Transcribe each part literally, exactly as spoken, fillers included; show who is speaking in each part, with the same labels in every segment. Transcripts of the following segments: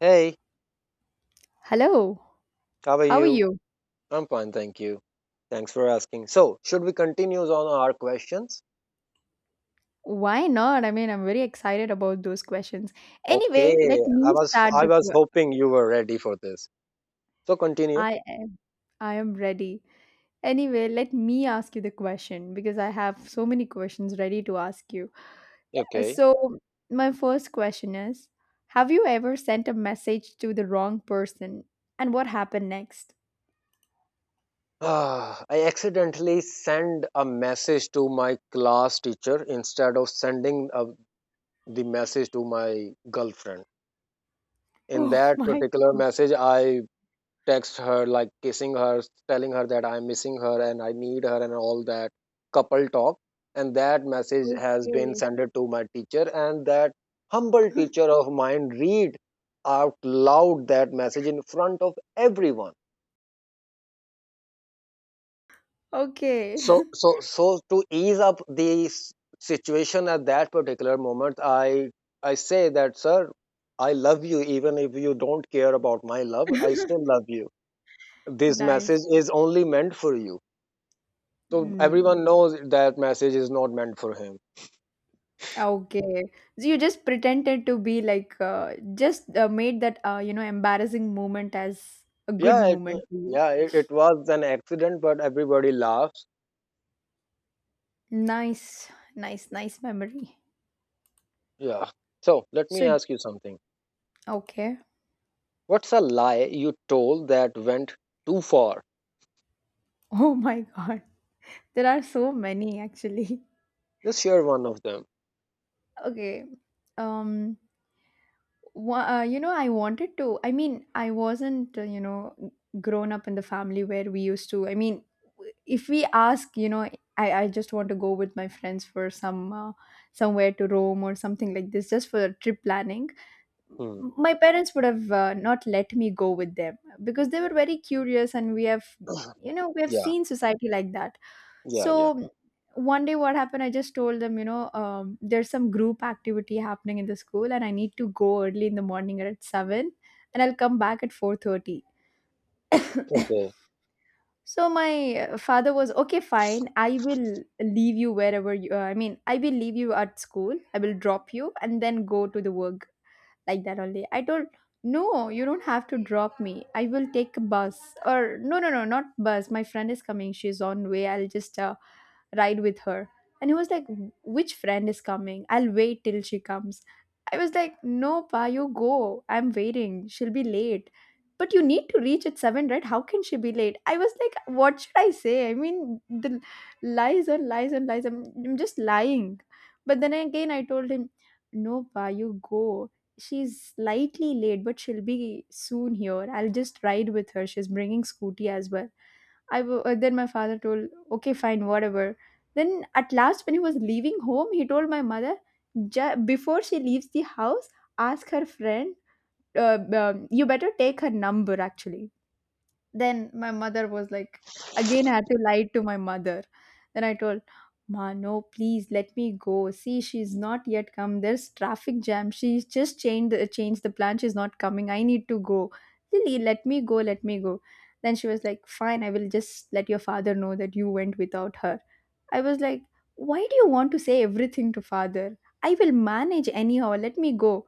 Speaker 1: Hey,
Speaker 2: Hello,
Speaker 1: how are
Speaker 2: how are
Speaker 1: you?
Speaker 2: you?
Speaker 1: I'm fine, thank you. Thanks for asking. So, should we continue on our questions?
Speaker 2: Why not? I mean, I'm very excited about those questions.
Speaker 1: Okay,
Speaker 2: Anyway, let
Speaker 1: I
Speaker 2: me
Speaker 1: was
Speaker 2: start
Speaker 1: I
Speaker 2: the
Speaker 1: was
Speaker 2: que-
Speaker 1: hoping you were ready for this. So continue.
Speaker 2: I am I am ready. Anyway, let me ask you the question because I have so many questions ready to ask you. Uh,
Speaker 1: Okay.
Speaker 2: So, my first question is, have you ever sent a message to the wrong person and what happened next?
Speaker 1: Ah, I accidentally sent a message to my class teacher instead of sending uh, the message to my girlfriend. In
Speaker 2: Oh
Speaker 1: that
Speaker 2: my,
Speaker 1: particular message, I text her, like kissing her, telling her that I'm missing her and I need her and all that couple talk. And that message has been
Speaker 2: okay.
Speaker 1: sent to my teacher, and that humble teacher of mine read out loud that message in front of everyone.
Speaker 2: Okay.
Speaker 1: So, so, so to ease up the s- situation at that particular moment, I I say that, sir, I love you even if you don't care about my love. I still love you. This
Speaker 2: Nice.
Speaker 1: message is only meant for you. So
Speaker 2: Mm.
Speaker 1: everyone knows that message is not meant for him.
Speaker 2: Okay. So you just pretended to be like, uh, just uh, made that, uh, you know, embarrassing moment as a good
Speaker 1: Yeah, it,
Speaker 2: moment for you.
Speaker 1: yeah, it, it was an accident, but everybody laughs.
Speaker 2: Nice, nice, nice memory.
Speaker 1: Yeah. So let me
Speaker 2: So,
Speaker 1: ask you something.
Speaker 2: okay.
Speaker 1: What's a lie you told that went too far?
Speaker 2: Oh my God. There are so many actually.
Speaker 1: Just share one of them.
Speaker 2: Okay. Um, Wha- uh, you know, I wanted to. I mean, I wasn't, uh, you know, grown up in the family where we used to. I mean, if we ask, you know, I, I just want to go with my friends for some uh, somewhere to Rome or something like this, just for trip planning.
Speaker 1: Hmm.
Speaker 2: My parents would have uh, not let me go with them because they were very curious, and we have, you know, we have
Speaker 1: Yeah.
Speaker 2: seen society like that.
Speaker 1: Yeah. Yeah.
Speaker 2: So one day, what happened? I just told them, you know, um, there's some group activity happening in the school, and I need to go early in the morning at seven, and I'll come back at four thirty.
Speaker 1: Okay.
Speaker 2: So my uh, father was okay, fine. I will leave you wherever you. Uh, I mean, I will leave you at school. I will drop you and then go to the work like that only. I told, no, you don't have to drop me. I will take a bus. Or, no, no, no, not bus. My friend is coming. She's on way. I'll just uh, ride with her. And he was like, which friend is coming? I'll wait till she comes. I was like, no, pa, you go. I'm waiting. She'll be late. But you need to reach at seven, right? How can she be late? I was like, what should I say? I mean, the lies and lies and lies. I'm, I'm just lying. But then again, I told him, no, pa, you go. She's slightly late, but she'll be soon here. I'll just ride with her. She's bringing scooty as well. I w- uh, then my father told, okay, fine, whatever. Then at last, when he was leaving home, he told my mother, "Ju- before she leaves the house, ask her friend. Uh, um, you better take her number actually." Then my mother was like, again I had to lie to my mother. Then I told, ma, no, please let me go. See, she's not yet come. There's traffic jam. She's just changed the changed the plan. She's not coming. I need to go. Lily, let me go, let me go. Then she was like, fine, I will just let your father know that you went without her. I was like, why do you want to say everything to father? I will manage anyhow. Let me go.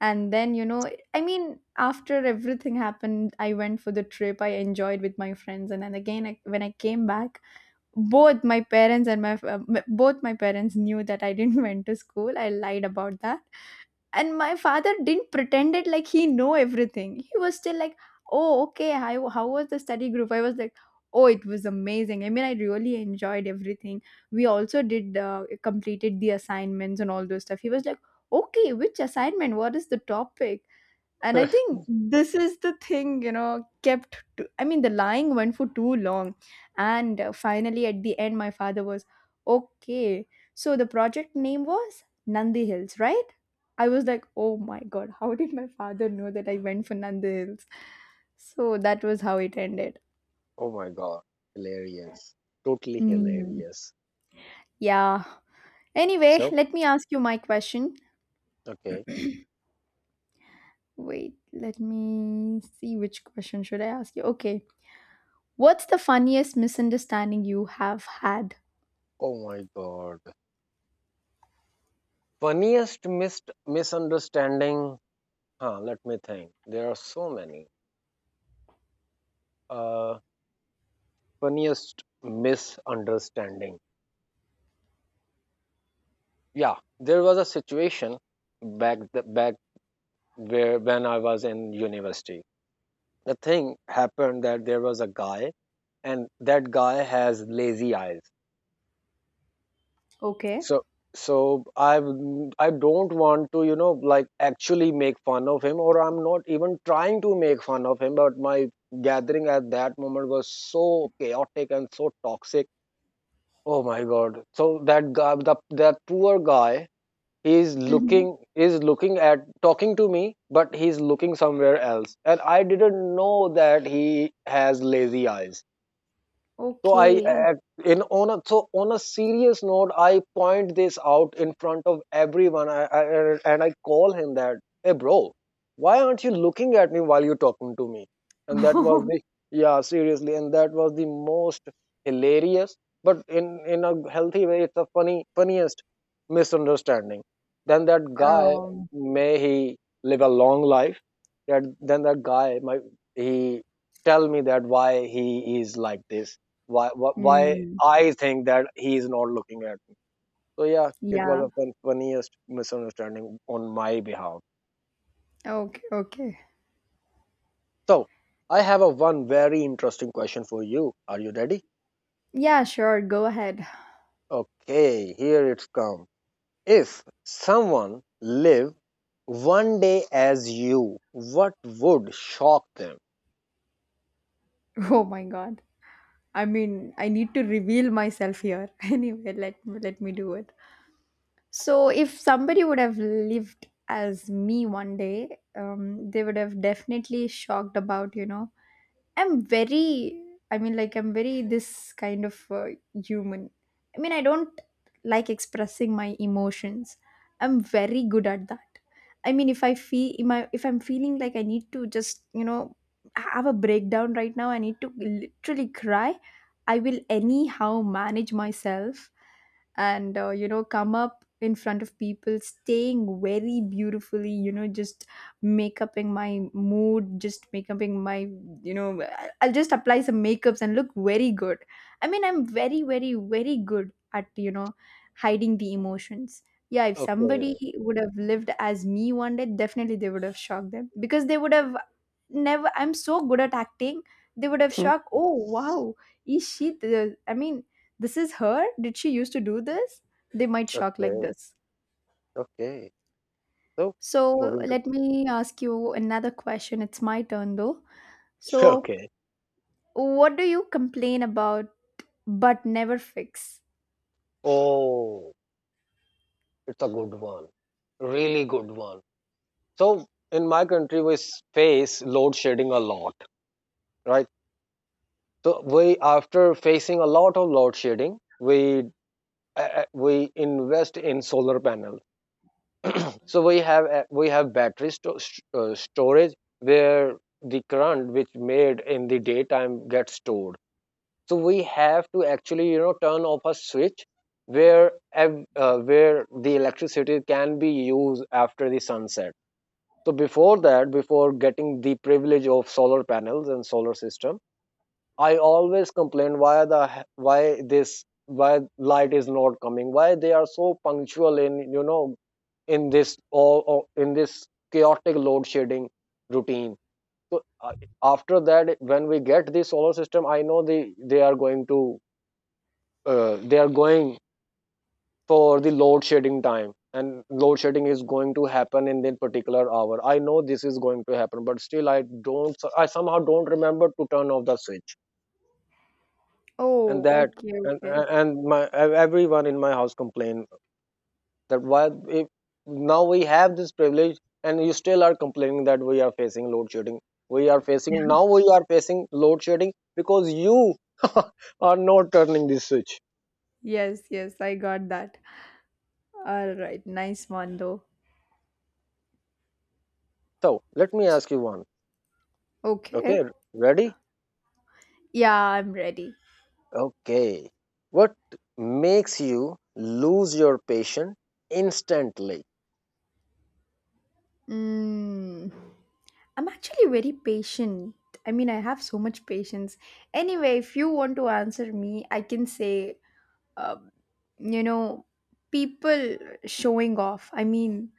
Speaker 2: And then you know I mean, after everything happened, I went for the trip. I enjoyed with my friends. And then again, I, when I came back, both my parents and my f- uh, m- both my parents knew that I didn't went to school. I lied about that. And my father didn't pretend it like he know everything. He was still like, oh, okay, how, how was the study group. I was like, oh, it was amazing. I mean, I really enjoyed everything. We also did uh, completed the assignments and all those stuff. He was like, okay, which assignment, what is the topic. And I think this is the thing you know, kept to, I mean, the lying went for too long. And uh, finally, at the end, my father was okay. So the project name was Nandi Hills, right? I was like, oh my God, how did my father know that I went for Nandi Hills? So that was how it ended.
Speaker 1: Oh my God. Hilarious. Totally
Speaker 2: Mm,
Speaker 1: hilarious.
Speaker 2: yeah. Anyway,
Speaker 1: So
Speaker 2: let me ask you my question.
Speaker 1: okay.
Speaker 2: Wait, let me see which question should I ask you. Okay. What's the funniest misunderstanding you have had?
Speaker 1: Oh my God. Funniest missed misunderstanding. Huh, let me think. There are so many. Uh funniest misunderstanding. Yeah, there was a situation back the, back where when I was in university. The thing happened that there was a guy, and that guy has lazy eyes.
Speaker 2: Okay.
Speaker 1: So so I I w- I don't want to you know like actually make fun of him, or I'm not even trying to make fun of him. But my gathering at that moment was so chaotic and so toxic. Oh my God! So that guy, the that poor guy, he's
Speaker 2: Mhm.
Speaker 1: looking is looking at talking to me, but he's looking somewhere else, and I didn't know that he has lazy eyes. So I,
Speaker 2: Okay.
Speaker 1: uh, in on a so on a serious note, I point this out in front of everyone, I, I, and I call him that, hey bro, why aren't you looking at me while you're talking to me? And that was the yeah seriously, and that was the most hilarious, but in in a healthy way, it's a funny funniest misunderstanding. Then that guy,
Speaker 2: Um.
Speaker 1: may he live a long life. That then that guy, my he tell me that why he is like this, why why, why
Speaker 2: Mm,
Speaker 1: I think that he is not looking at me. So yeah, it was
Speaker 2: yeah.
Speaker 1: a fun, funniest misunderstanding on my behalf.
Speaker 2: Okay. Okay.
Speaker 1: So I have a one very interesting question for you. Are you ready?
Speaker 2: Yeah. Sure. Go ahead.
Speaker 1: Okay, here it's come. If someone live one day as you, what would shock them?
Speaker 2: Oh my God. I mean, I need to reveal myself here. Anyway, let let me do it. So, if somebody would have lived as me one day, um, they would have definitely shocked about. you know I'm very, I mean, like, I'm very this kind of uh, human. I mean, I don't like expressing my emotions. I'm very good at that. I mean, if I feel, if, I, if I'm feeling like I need to just, you know, have a breakdown right now, I need to literally cry. I will anyhow manage myself. And uh, you know come up in front of people staying very beautifully, you know just make upping my mood, just make upping my, you know I- I'll just apply some makeups and look very good. I mean, I'm very, very, very good at you know hiding the emotions. Yeah, if somebody
Speaker 1: Okay.
Speaker 2: would have lived as me one day, definitely they would have shocked them, because they would have never. I'm so good at acting. They would have
Speaker 1: Hmm.
Speaker 2: shocked. Oh, wow. is she the I mean, this is her? Did she used to do this? They might shock like
Speaker 1: Okay.
Speaker 2: this.
Speaker 1: Okay. So
Speaker 2: So
Speaker 1: moving to
Speaker 2: let me ask you another question. It's my turn though. So,
Speaker 1: okay.
Speaker 2: what do you complain about but never fix?
Speaker 1: Oh, it's a good one. Really good one. So in my country, we face load shedding a lot, right? So we, after facing a lot of load shedding, we uh, uh, we invest in solar panel. So we have uh, we have battery sto- uh, storage where the current which made in the daytime gets stored. So we have to actually you know turn off a switch where uh, where the electricity can be used after the sunset. So before that, before getting the privilege of solar panels and solar system, I always complained why the why this why light is not coming, why they are so punctual in you know in this all all- in this chaotic load shedding routine. So uh, after that, when we get the solar system, I know the they are going to uh, they are going for the load shedding time, and load shedding is going to happen in that particular hour. I know this is going to happen, but still i don't i somehow don't remember to turn off the switch. and
Speaker 2: Oh,
Speaker 1: that
Speaker 2: okay,
Speaker 1: and
Speaker 2: okay.
Speaker 1: and my everyone in my house complained that why, if now we have this privilege and you still are complaining that we are facing load shedding we are facing now we are facing load shedding because you are not turning this switch.
Speaker 2: Yes, yes, I got that. All right, nice one though.
Speaker 1: So let me ask you one.
Speaker 2: Okay.
Speaker 1: Okay, ready?
Speaker 2: Yeah, I'm ready.
Speaker 1: Okay. What makes you lose your patience instantly?
Speaker 2: Mm, I'm actually very patient. I mean, I have so much patience. Anyway, if you want to answer me, I can say, uh, you know people showing off. I mean,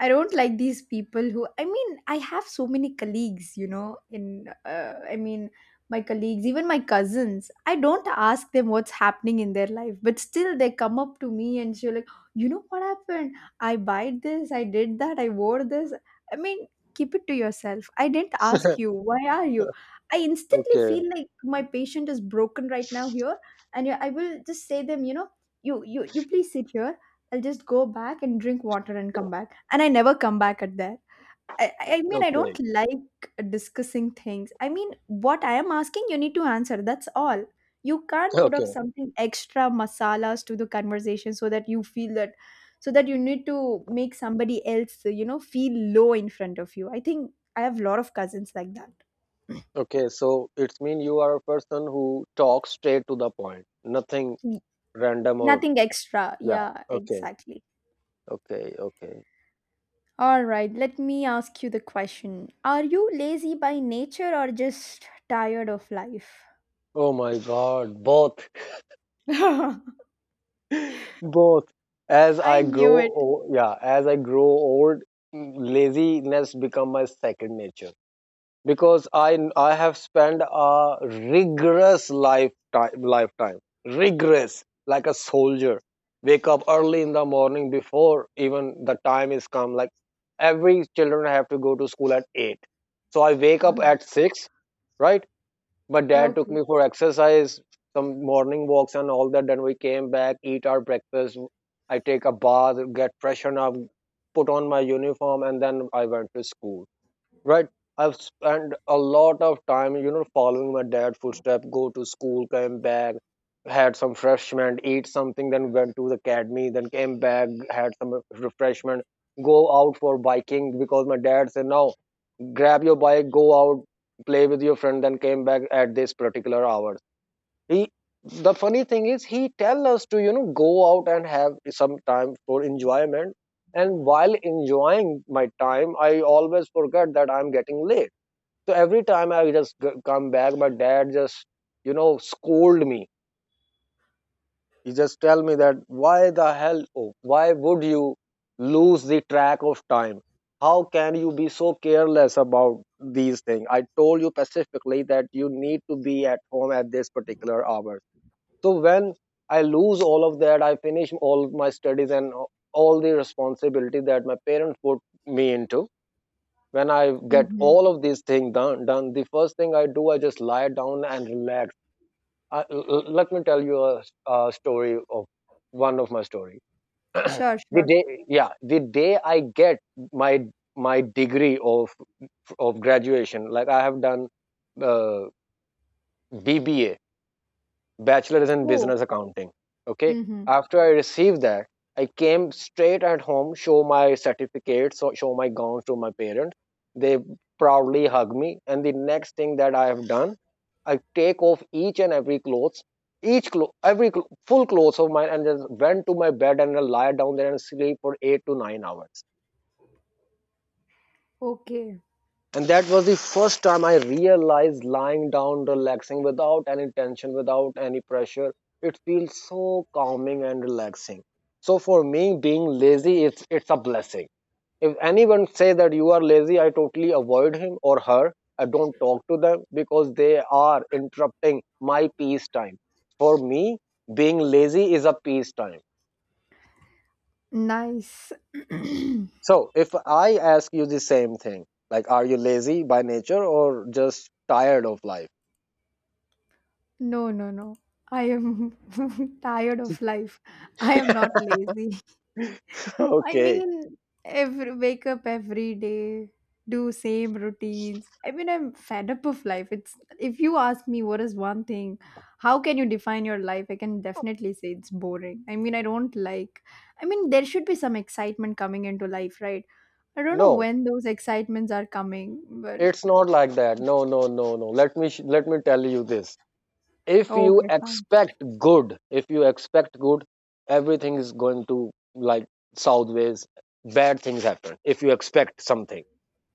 Speaker 2: I don't like these people who, I mean, I have so many colleagues, you know in uh, I mean, my colleagues, even my cousins, I don't ask them what's happening in their life, but still they come up to me and she's like, you know what happened, I buy this, I did that, I wore this. I mean, keep it to yourself. I didn't ask you. Why are you? I instantly
Speaker 1: Okay,
Speaker 2: feel like my patient is broken right now here. And yeah, I will just say them, you know you you you, please sit here. I'll just go back and drink water and come back. And I never come back at there. I, I mean, I
Speaker 1: okay,
Speaker 2: don't like discussing things. I mean, what I am asking, you need to answer. That's all. You can't put up
Speaker 1: okay,
Speaker 2: something extra masalas to the conversation so that you feel that, so that you need to make somebody else, you know, feel low in front of you. I think I have a lot of cousins like that.
Speaker 1: okay. So it's mean you are a person who talks straight to the point, nothing
Speaker 2: N-
Speaker 1: random or
Speaker 2: Nothing extra.
Speaker 1: yeah.
Speaker 2: Yeah,
Speaker 1: Okay,
Speaker 2: exactly.
Speaker 1: okay, okay.
Speaker 2: All right, let me ask you the question. Are you lazy by nature or just tired of life?
Speaker 1: Oh my God, both, both. As
Speaker 2: I
Speaker 1: I grow,
Speaker 2: knew it.
Speaker 1: o- yeah, as I grow old, laziness become my second nature, because I I have spent a rigorous lifetime lifetime rigorous like a soldier. Wake up early in the morning before even the time is come. Like every children have to go to school at eight, so I wake up at six, right? But dad took
Speaker 2: Okay.
Speaker 1: me for exercise, some morning walks and all that. Then we came back, eat our breakfast. I take a bath, get freshened up, put on my uniform, and then I went to school. Right. I've spent a lot of time, you know, following my dad footstep, go to school, came back, had some refreshment, eat something, then went to the academy, then came back, had some refreshment, go out for biking because my dad said, now grab your bike, go out, play with your friend, then came back at this particular hour. He, the funny thing is, he tell us to, you know, go out and have some time for enjoyment. And while enjoying my time, I always forget that I'm getting late, so every time I just g- come back, my dad just, you know, scold me. He just tell me that why the hell, oh, why would you lose the track of time? How can you be so careless about these things? I told you specifically that you need to be at home at this particular hour. So when I lose all of that, I finish all my studies and all the responsibility that my parents put me into. When I get
Speaker 2: Hmm.
Speaker 1: all of these things done done, the first thing I do, I just lie down and relax. I, l- l- let me tell you a, a story of one of my story.
Speaker 2: Sure,
Speaker 1: the
Speaker 2: sure.
Speaker 1: day yeah the day I get my my degree of of graduation. Like I have done uh, B B A bachelor's in
Speaker 2: Oh,
Speaker 1: business accounting. Okay.
Speaker 2: hmm,
Speaker 1: After I received that, I came straight at home, show my certificates, so- show my gowns to my parents. They proudly hug me. And the next thing that I have done, I take off each and every clothes, each clo- every cl- full clothes of mine, and just went to my bed and I lie down there and sleep for eight to nine hours.
Speaker 2: okay.
Speaker 1: And that was the first time I realized lying down, relaxing without any tension, without any pressure. It feels so calming and relaxing. So for me, being lazy is it's a blessing. If anyone say that you are lazy, I totally avoid him or her. I don't talk to them because they are interrupting my peace time. For me, being lazy is a peace time.
Speaker 2: Nice.
Speaker 1: So if I ask you the same thing, like are you lazy by nature or just tired of life?
Speaker 2: No, no, no. I am tired of life. I am not lazy. I
Speaker 1: Okay.
Speaker 2: mean, every wake up every day, do same routines. I mean, I'm fed up of life. It's if you ask me what is one thing, how can you define your life? I can definitely say it's boring. I mean, I don't like. I mean, there should be some excitement coming into life, right? I don't know
Speaker 1: No,
Speaker 2: when those excitements are coming, but
Speaker 1: it's not like that. No, no, no, no. Let me sh- let me tell you this. If you
Speaker 2: okay, fine.
Speaker 1: expect good, if you expect good, everything is going to like southways. Bad things happen if you expect something.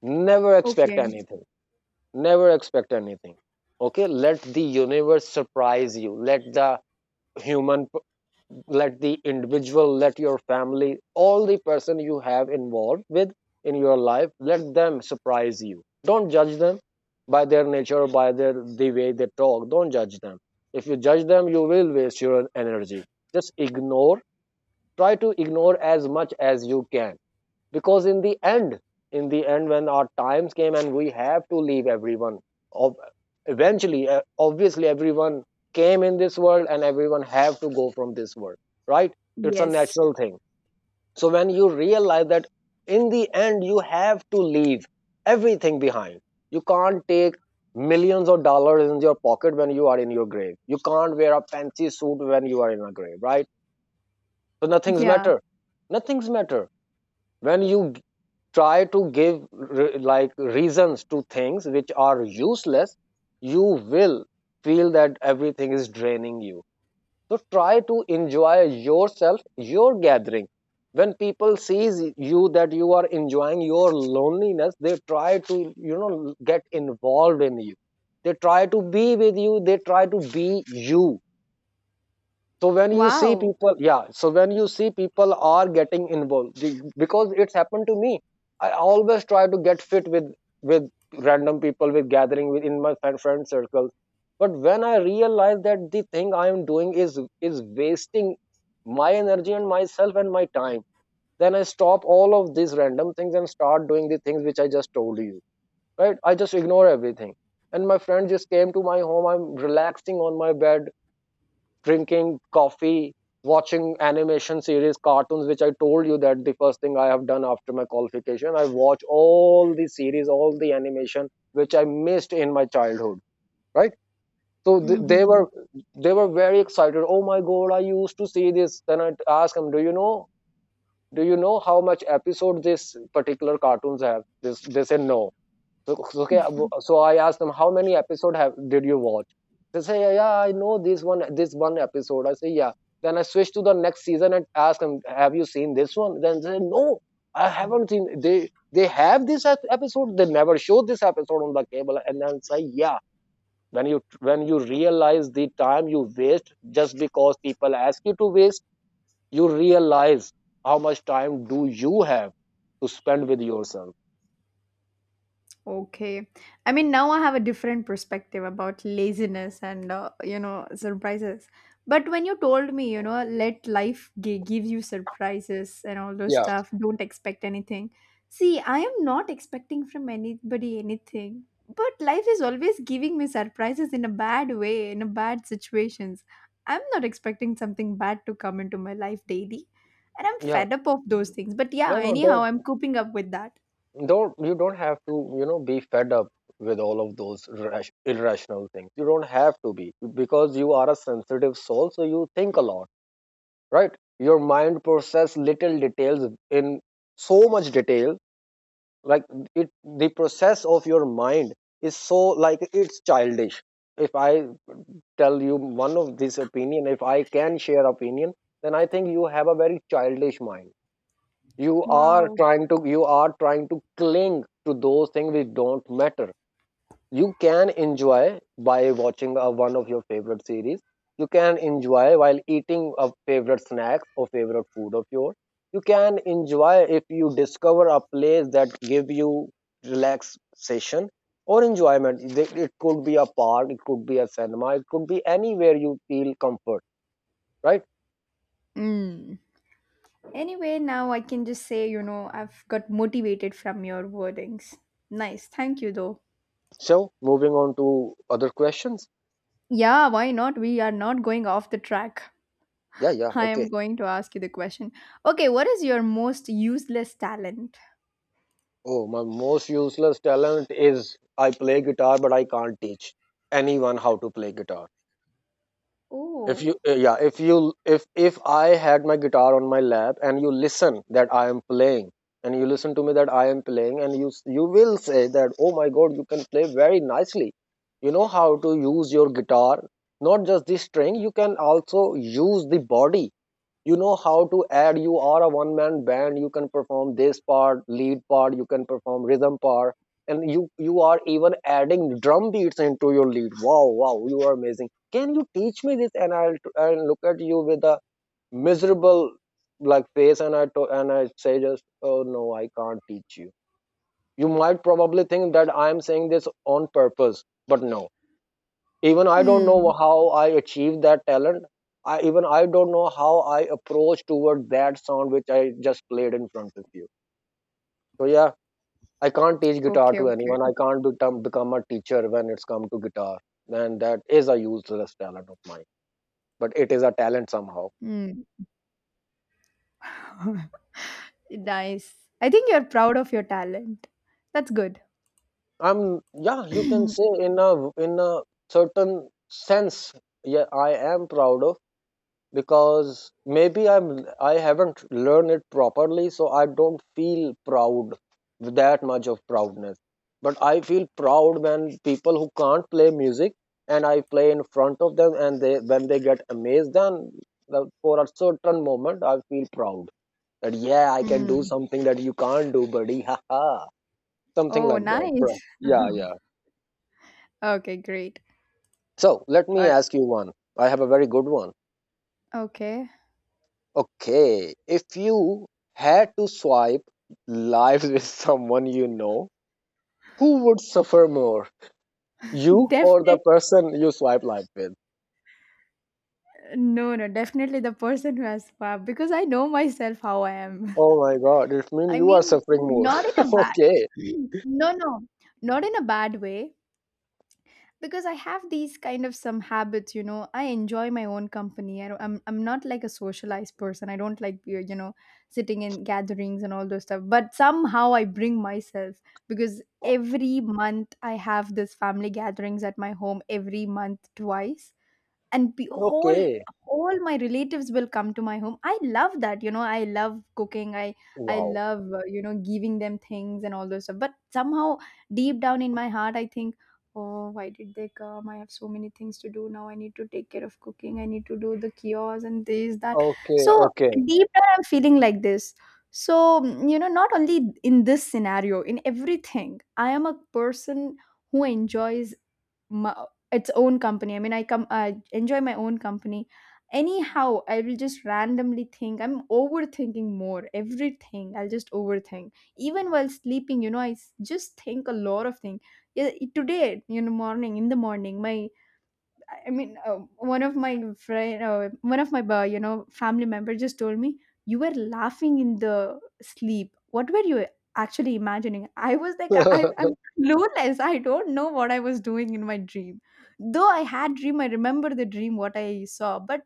Speaker 1: Never expect
Speaker 2: Okay.
Speaker 1: anything. Never expect anything. Okay, let the universe surprise you. Let the human, let the individual, let your family, all the person you have involved with in your life, let them surprise you. Don't judge them by their nature or by their the way they talk. Don't judge them. If you judge them, you will waste your energy. Just ignore. Try to ignore as much as you can, because in the end, in the end, when our times came and we have to leave everyone, ob- eventually, uh, obviously everyone came in this world and everyone have to go from this world, right? It's a
Speaker 2: Yes.
Speaker 1: natural thing. So when you realize that in the end you have to leave everything behind, you can't take millions of dollars in your pocket when you are in your grave. You can't wear a fancy suit when you are in a grave, right? So nothing's
Speaker 2: Yeah.
Speaker 1: matter. Nothing's matter. When you try to give re- like reasons to things which are useless, you will feel that everything is draining you. So try to enjoy yourself, your gathering. When people sees you that you are enjoying your loneliness, they try to you know, get involved in you. They try to be with you. They try to be you. so when you see
Speaker 2: Wow.
Speaker 1: people yeah so when you see people are getting involved, be- because it's happened to me, I always try to get fit with with random people, with gathering within my friend, friend circles. But when I realize that the thing I am doing is is wasting My energy and myself and my time. Then I stop all of these random things and start doing the things which I just told you. Right, I just ignore everything. And my friend just came to my home, I'm relaxing on my bed, drinking coffee, watching animation series, cartoons, which I told you that the first thing I have done after my qualification, I watch all the series, all the animation which I missed in my childhood, right? So th- they
Speaker 2: Mm-hmm.
Speaker 1: were they were very excited. Oh my god, I used to see this. Then I asked them, "Do you know? Do you know how much episode this particular cartoons have?" This they say no. So, so- okay, uh, so I asked them, how many episode have did you watch? They say, yeah, yeah, I know this one, this one episode. I say, yeah. Then I switch to the next season and ask them, have you seen this one? Then they say, no, I haven't seen. They they have this ep- episode. They never showed this episode on the cable. And then say, yeah. When you when you realize the time you waste just because people ask you to waste, you realize how much time do you have to spend with yourself.
Speaker 2: Okay. I mean, now I have a different perspective about laziness and, uh, you know, surprises. But when you told me, you know, let life gi- give you surprises and all those
Speaker 1: Yeah,
Speaker 2: stuff, don't expect anything. See, I am not expecting from anybody anything. But life is always giving me surprises in a bad way, in a bad situations. I'm not expecting something bad to come into my life daily. And I'm
Speaker 1: yeah.
Speaker 2: fed up of those things. But
Speaker 1: No,
Speaker 2: yeah,
Speaker 1: no,
Speaker 2: anyhow,
Speaker 1: don't
Speaker 2: I'm coping up with that.
Speaker 1: don't you don't have to you know be fed up with all of those rash, irrational things. You don't have to be because you are a sensitive soul, so you think a lot, right? Your mind process little details in so much detail. Like it the process of your mind is so, like, it's childish. If I tell you one of this opinion, if I can share opinion, then I think you have a very childish mind. You are trying to you are trying to cling to those things which don't matter. You can enjoy by watching uh, one of your favorite series. You can enjoy while eating a favorite snacks or favorite food of yours. You can enjoy if you discover a place that give you relaxation or enjoyment. It it could be a park, it could be a cinema, it could be anywhere you feel comfort, right?
Speaker 2: Mm. Anyway, now I can just say, you know, I've got motivated from your wordings. Nice. Thank you, though.
Speaker 1: So moving on to other questions.
Speaker 2: Yeah, why not? We are not going off the track.
Speaker 1: Yeah, yeah,
Speaker 2: I am
Speaker 1: okay.
Speaker 2: going to ask you the question. Okay, what is your most useless talent?
Speaker 1: Oh, my most useless talent is I play guitar, but I can't teach anyone how to play guitar. If
Speaker 2: Oh.
Speaker 1: you, uh, yeah, if you, if if I had my guitar on my lap and you listen that I am playing, and you listen to me that I am playing, and you s- you will say that, oh my God, you can play very nicely. You know how to use your guitar, not just the string. You can also use the body. You know how to add, you are a one man band. You can perform this part, lead part, you can perform rhythm part. And you you are even adding drum beats into your lead. Wow, wow, you are amazing. Can you teach me this? And i'll, I'll look at you with a miserable like face, and i to, and I say, just, oh no, I can't teach you. You might probably think that I am saying this on purpose, but no, even I don't know
Speaker 2: Hmm.
Speaker 1: how I achieved that talent. i even I don't know how I approach toward that sound which I just played in front of you. So yeah, I can't teach guitar
Speaker 2: Okay,
Speaker 1: to
Speaker 2: okay.
Speaker 1: anyone. I can't become, become a teacher when it's come to guitar. And that is a useless talent of mine, but it is a talent somehow.
Speaker 2: Hmm. Nice. I think you're proud of your talent. That's good.
Speaker 1: I'm Yeah, you can say in a in a certain sense, yeah I am proud of. Because maybe I'm I haven't learned it properly, so I don't feel proud with that much of proudness. But I feel proud when people who can't play music and I play in front of them, and they when they get amazed, then the- for a certain moment I feel proud that yeah, I can do
Speaker 2: Hmm.
Speaker 1: something that you can't do, buddy. Ha ha, something
Speaker 2: Oh,
Speaker 1: like that, bro.
Speaker 2: nice.
Speaker 1: Yeah, yeah.
Speaker 2: Okay, great.
Speaker 1: So let me
Speaker 2: Or-
Speaker 1: ask you one. I have a very good one.
Speaker 2: Okay.
Speaker 1: Okay, if you had to swipe lives with someone you know, who would suffer more? You or the
Speaker 2: Definitely.
Speaker 1: person you swipe life with?
Speaker 2: No, no, definitely the person who has power because I know myself how I am.
Speaker 1: Oh my god, it means
Speaker 2: I
Speaker 1: you are
Speaker 2: mean,
Speaker 1: suffering more.
Speaker 2: not in a bad
Speaker 1: Okay,
Speaker 2: no, no, not in a bad way, because I have these kind of some habits, you know. I enjoy my own company. I don't, I'm I'm not like a socialized person. I don't like you you know sitting in gatherings and all those stuff. But somehow I bring myself because every month I have this family gatherings at my home every month twice and be, whole
Speaker 1: okay.
Speaker 2: all my relatives will come to my home. I love that, you know, I love cooking i i
Speaker 1: Wow.
Speaker 2: love uh, you know, giving them things and all those stuff. But somehow deep down in my heart I think, oh, why did they come? I have so many things to do now. I need to take care of cooking, I need to do the kiosks and this that.
Speaker 1: Okay,
Speaker 2: So
Speaker 1: okay.
Speaker 2: deep down I'm feeling like this. So mm, you know, not only in this scenario, in everything I am a person who enjoys mu its own company. I mean, I come I enjoy my own company. Anyhow, I will just randomly think. I'm overthinking more. Everything I'll just overthink. Even while sleeping, you know, I s- just think a lot of things. Yeah. Today, you know, morning in the morning, my I mean, uh, one of my friend, uh, one of my uh, you know, family member just told me you were laughing in the sleep. What were you actually imagining? I was like, I, I'm clueless. I don't know what I was doing in my dream. Though I had dream, I remember the dream what I saw, but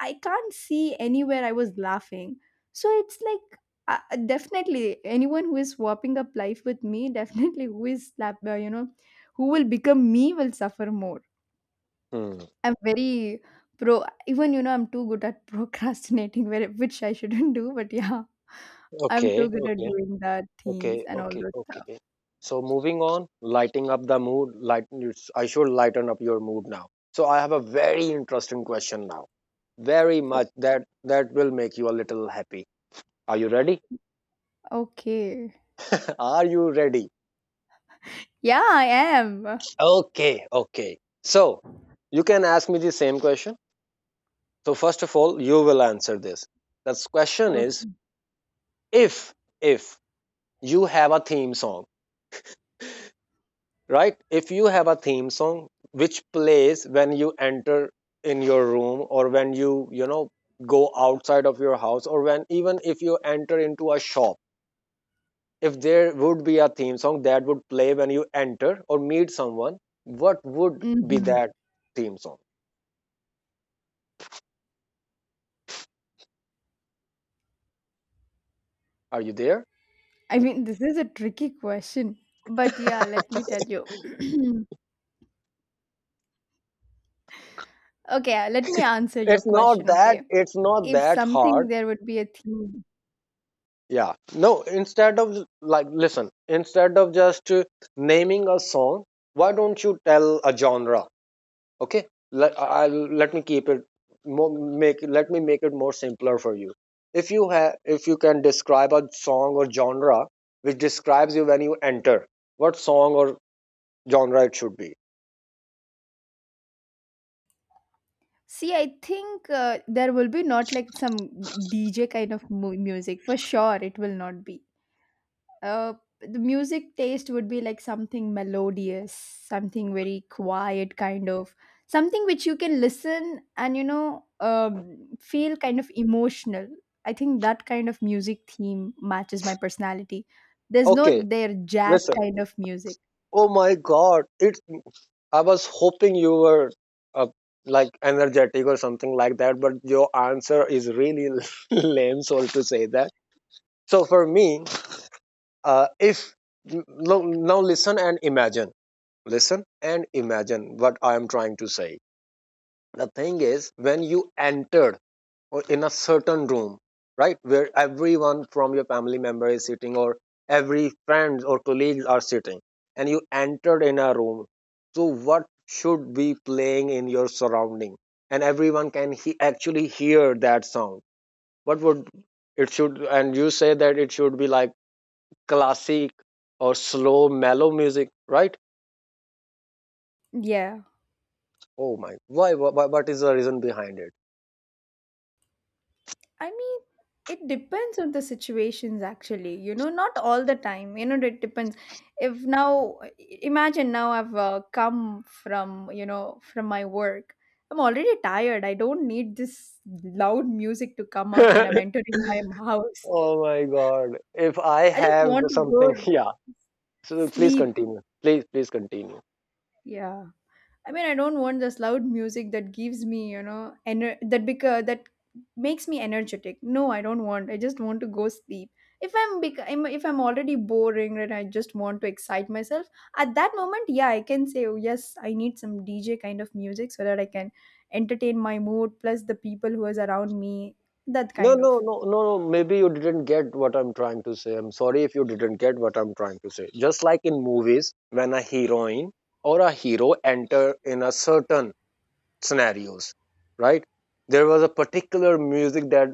Speaker 2: I can't see anywhere I was laughing. So it's like. Uh, uh, definitely anyone who is swapping up life with me definitely who is slap uh, you know, who will become me will suffer more.
Speaker 1: Hmm.
Speaker 2: I'm very pro. Even you know, I'm too good at procrastinating, where which I shouldn't do. But yeah, I'm
Speaker 1: Okay,
Speaker 2: too good at
Speaker 1: okay,
Speaker 2: doing that
Speaker 1: okay,
Speaker 2: things and all
Speaker 1: okay,
Speaker 2: those stuff.
Speaker 1: okay. So moving on, lighting up the mood. Light, I should lighten up your mood now. So I have a very interesting question now. Very
Speaker 2: O-
Speaker 1: much that that will make you a little happy. Are you ready?
Speaker 2: Okay.
Speaker 1: Are you ready?
Speaker 2: Yeah, I am.
Speaker 1: Okay, okay. So you can ask me the same question. So first of all you will answer this. The question is,
Speaker 2: Okay.
Speaker 1: if if you have a theme song, right? If you have a theme song which plays when you enter in your room, or when you you know, go outside of your house, or when even if you enter into a shop, if there would be a theme song that would play when you enter or meet someone, what would be
Speaker 2: Hmm.
Speaker 1: that theme song? Are you there?
Speaker 2: I mean, this is a tricky question, but yeah, let me tell you. Okay, let me answer your
Speaker 1: It's not
Speaker 2: question.
Speaker 1: that
Speaker 2: Okay,
Speaker 1: it's not
Speaker 2: if
Speaker 1: that
Speaker 2: something
Speaker 1: hard.
Speaker 2: there would be a theme.
Speaker 1: Yeah. No, instead of like listen, instead of just uh, naming a song, why don't you tell a genre? Okay? Let I I'll- let me keep it more, make let me make it more simpler for you. If you have, if you can describe a song or genre which describes you when you enter, what song or genre it should be.
Speaker 2: See, I think uh, there will be not like some D J kind of mu- music for sure. It will not be uh, the music taste would be like something melodious, something very quiet, kind of something which you can listen and you know um, feel kind of emotional. I think that kind of music theme matches my personality. There's no
Speaker 1: Okay,
Speaker 2: their jazz
Speaker 1: listen.
Speaker 2: kind of music.
Speaker 1: Oh my God! It. I was hoping you were uh, like energetic or something like that, but your answer is really lame. Sorry to say that. So for me, uh, if no, now listen and imagine, listen and imagine what I am trying to say. The thing is, when you entered or in a certain room, right, where everyone from your family member is sitting, or every friends or colleagues are sitting, and you entered in a room, so what should be playing in your surrounding and everyone can he- actually hear that sound? What would it should? And you say that it should be like classic or slow mellow music, right?
Speaker 2: Yeah.
Speaker 1: Oh my, why, why what is the reason behind
Speaker 2: I mean, it depends on the situations actually. You know, not all the time. You know, it depends. If now, I- Imagine now I've uh, come from, you know, from my work. I'm already tired. I don't need this loud music to come out when I'm
Speaker 1: it?
Speaker 2: entering my house.
Speaker 1: Oh my God. If I
Speaker 2: I just
Speaker 1: have
Speaker 2: want
Speaker 1: the
Speaker 2: to go
Speaker 1: something, yeah. So please
Speaker 2: sleep.
Speaker 1: continue. Please, please continue.
Speaker 2: Yeah. I mean, I don't want this loud music that gives me, you know, ener- that because that makes me energetic. No, I don't want. I just want to go sleep. If I'm bec- I'm- if I'm already boring and I just want to excite myself at that moment, yeah, I can say, oh, yes, I need some D J kind of music so that I can entertain my mood plus the people who is around me. That
Speaker 1: No,
Speaker 2: kind
Speaker 1: no,
Speaker 2: of
Speaker 1: no, no, no. Maybe you didn't get what I'm trying to say. I'm sorry if you didn't get what I'm trying to say. Just like in movies, when a heroine or a hero enter in a certain scenarios, right? There was a particular music that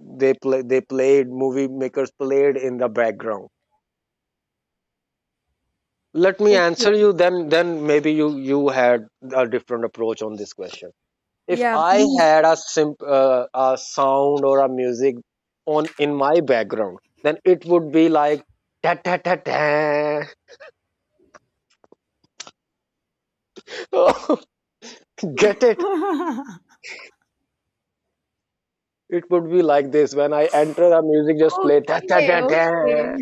Speaker 1: they play, they played, movie makers played in the background. Let me
Speaker 2: okay,
Speaker 1: answer you. Then, then maybe you you had a different approach on this question. If
Speaker 2: yeah,
Speaker 1: I
Speaker 2: please.
Speaker 1: had a simp uh, a sound or a music on in my background, then it would be like ta ta ta ta. Get it? It would be like this when I enter the music, just play ta ta
Speaker 2: Okay,
Speaker 1: ta
Speaker 2: okay,
Speaker 1: ta.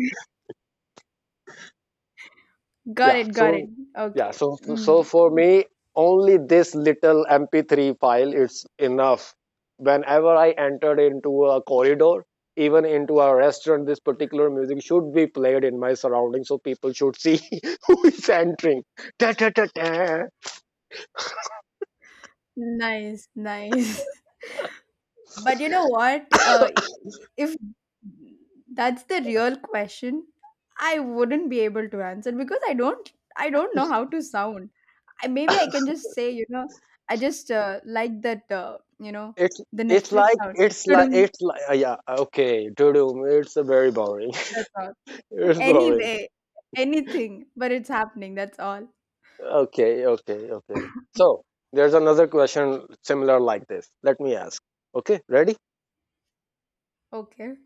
Speaker 2: got
Speaker 1: Yeah.
Speaker 2: it, got it.
Speaker 1: So yeah.
Speaker 2: Okay.
Speaker 1: So so
Speaker 2: Mm.
Speaker 1: for me, only this little M P three file is enough. Whenever I entered into a corridor, even into a restaurant, this particular music should be played in my surroundings, so people should see who is entering. Ta ta ta ta.
Speaker 2: Nice, nice. But you know what? Uh, if that's the real question, I wouldn't be able to answer because I don't, I don't know how to sound. I, maybe I can just say, you know, I just uh, like that, uh, you know,
Speaker 1: It's
Speaker 2: the
Speaker 1: it's
Speaker 2: Netflix
Speaker 1: like
Speaker 2: sound.
Speaker 1: it's like
Speaker 2: Tudum.
Speaker 1: it's like uh, yeah, okay, doo-doo, it's a very boring
Speaker 2: That's all.
Speaker 1: it's boring.
Speaker 2: Anyway, anything, but it's happening. That's all.
Speaker 1: Okay, okay, okay. So there's another question similar like this, let me ask. Okay, ready?
Speaker 2: Okay.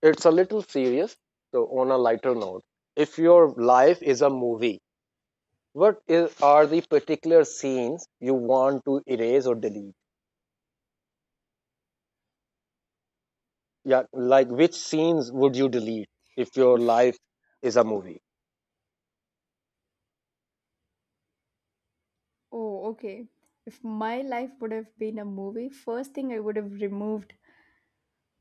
Speaker 1: It's a little serious, so on a lighter note, if your life is a movie, what is, are the particular scenes you want to erase or delete? Yeah, like which scenes would you delete if your
Speaker 2: If
Speaker 1: life is a movie?
Speaker 2: oh, okay. If my life would have been a movie, first thing I would have removed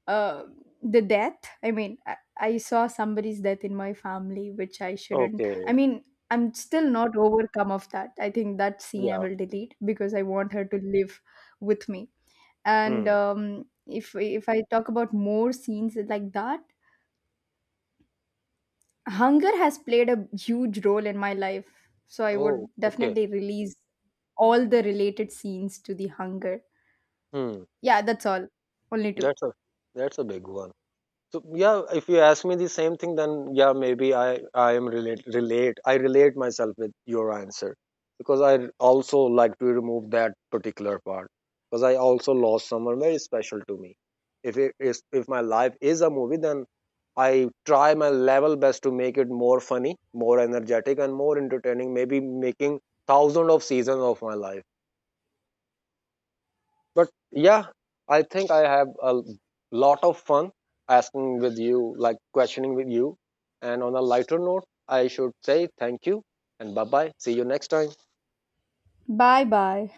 Speaker 2: uh, the death. I mean, I, I saw somebody's death in my family which I shouldn't.
Speaker 1: Okay,
Speaker 2: I mean, I'm still not overcome of that. I think that scene I
Speaker 1: yeah.
Speaker 2: will delete because I want her to live with me. And
Speaker 1: Hmm.
Speaker 2: um, if if I talk about more scenes like that, hunger has played a huge role in my life, so I would
Speaker 1: Oh, okay.
Speaker 2: definitely release all the related scenes to the hunger.
Speaker 1: Hmm.
Speaker 2: Yeah, that's all. Only two.
Speaker 1: That's a, that's a big one. So yeah, if you ask me the same thing, then yeah, maybe I I am relate relate I relate myself with your answer because I also like to remove that particular part, because I also lost someone very special to me. If it is, if my life is a movie, then I try my level best to make it more funny, more energetic, and more entertaining. Maybe making thousands of seasons of my life. But yeah, I think I have a lot of fun asking with you, like questioning with you. And on a lighter note, I should say thank you and bye bye. See you next time.
Speaker 2: Bye bye.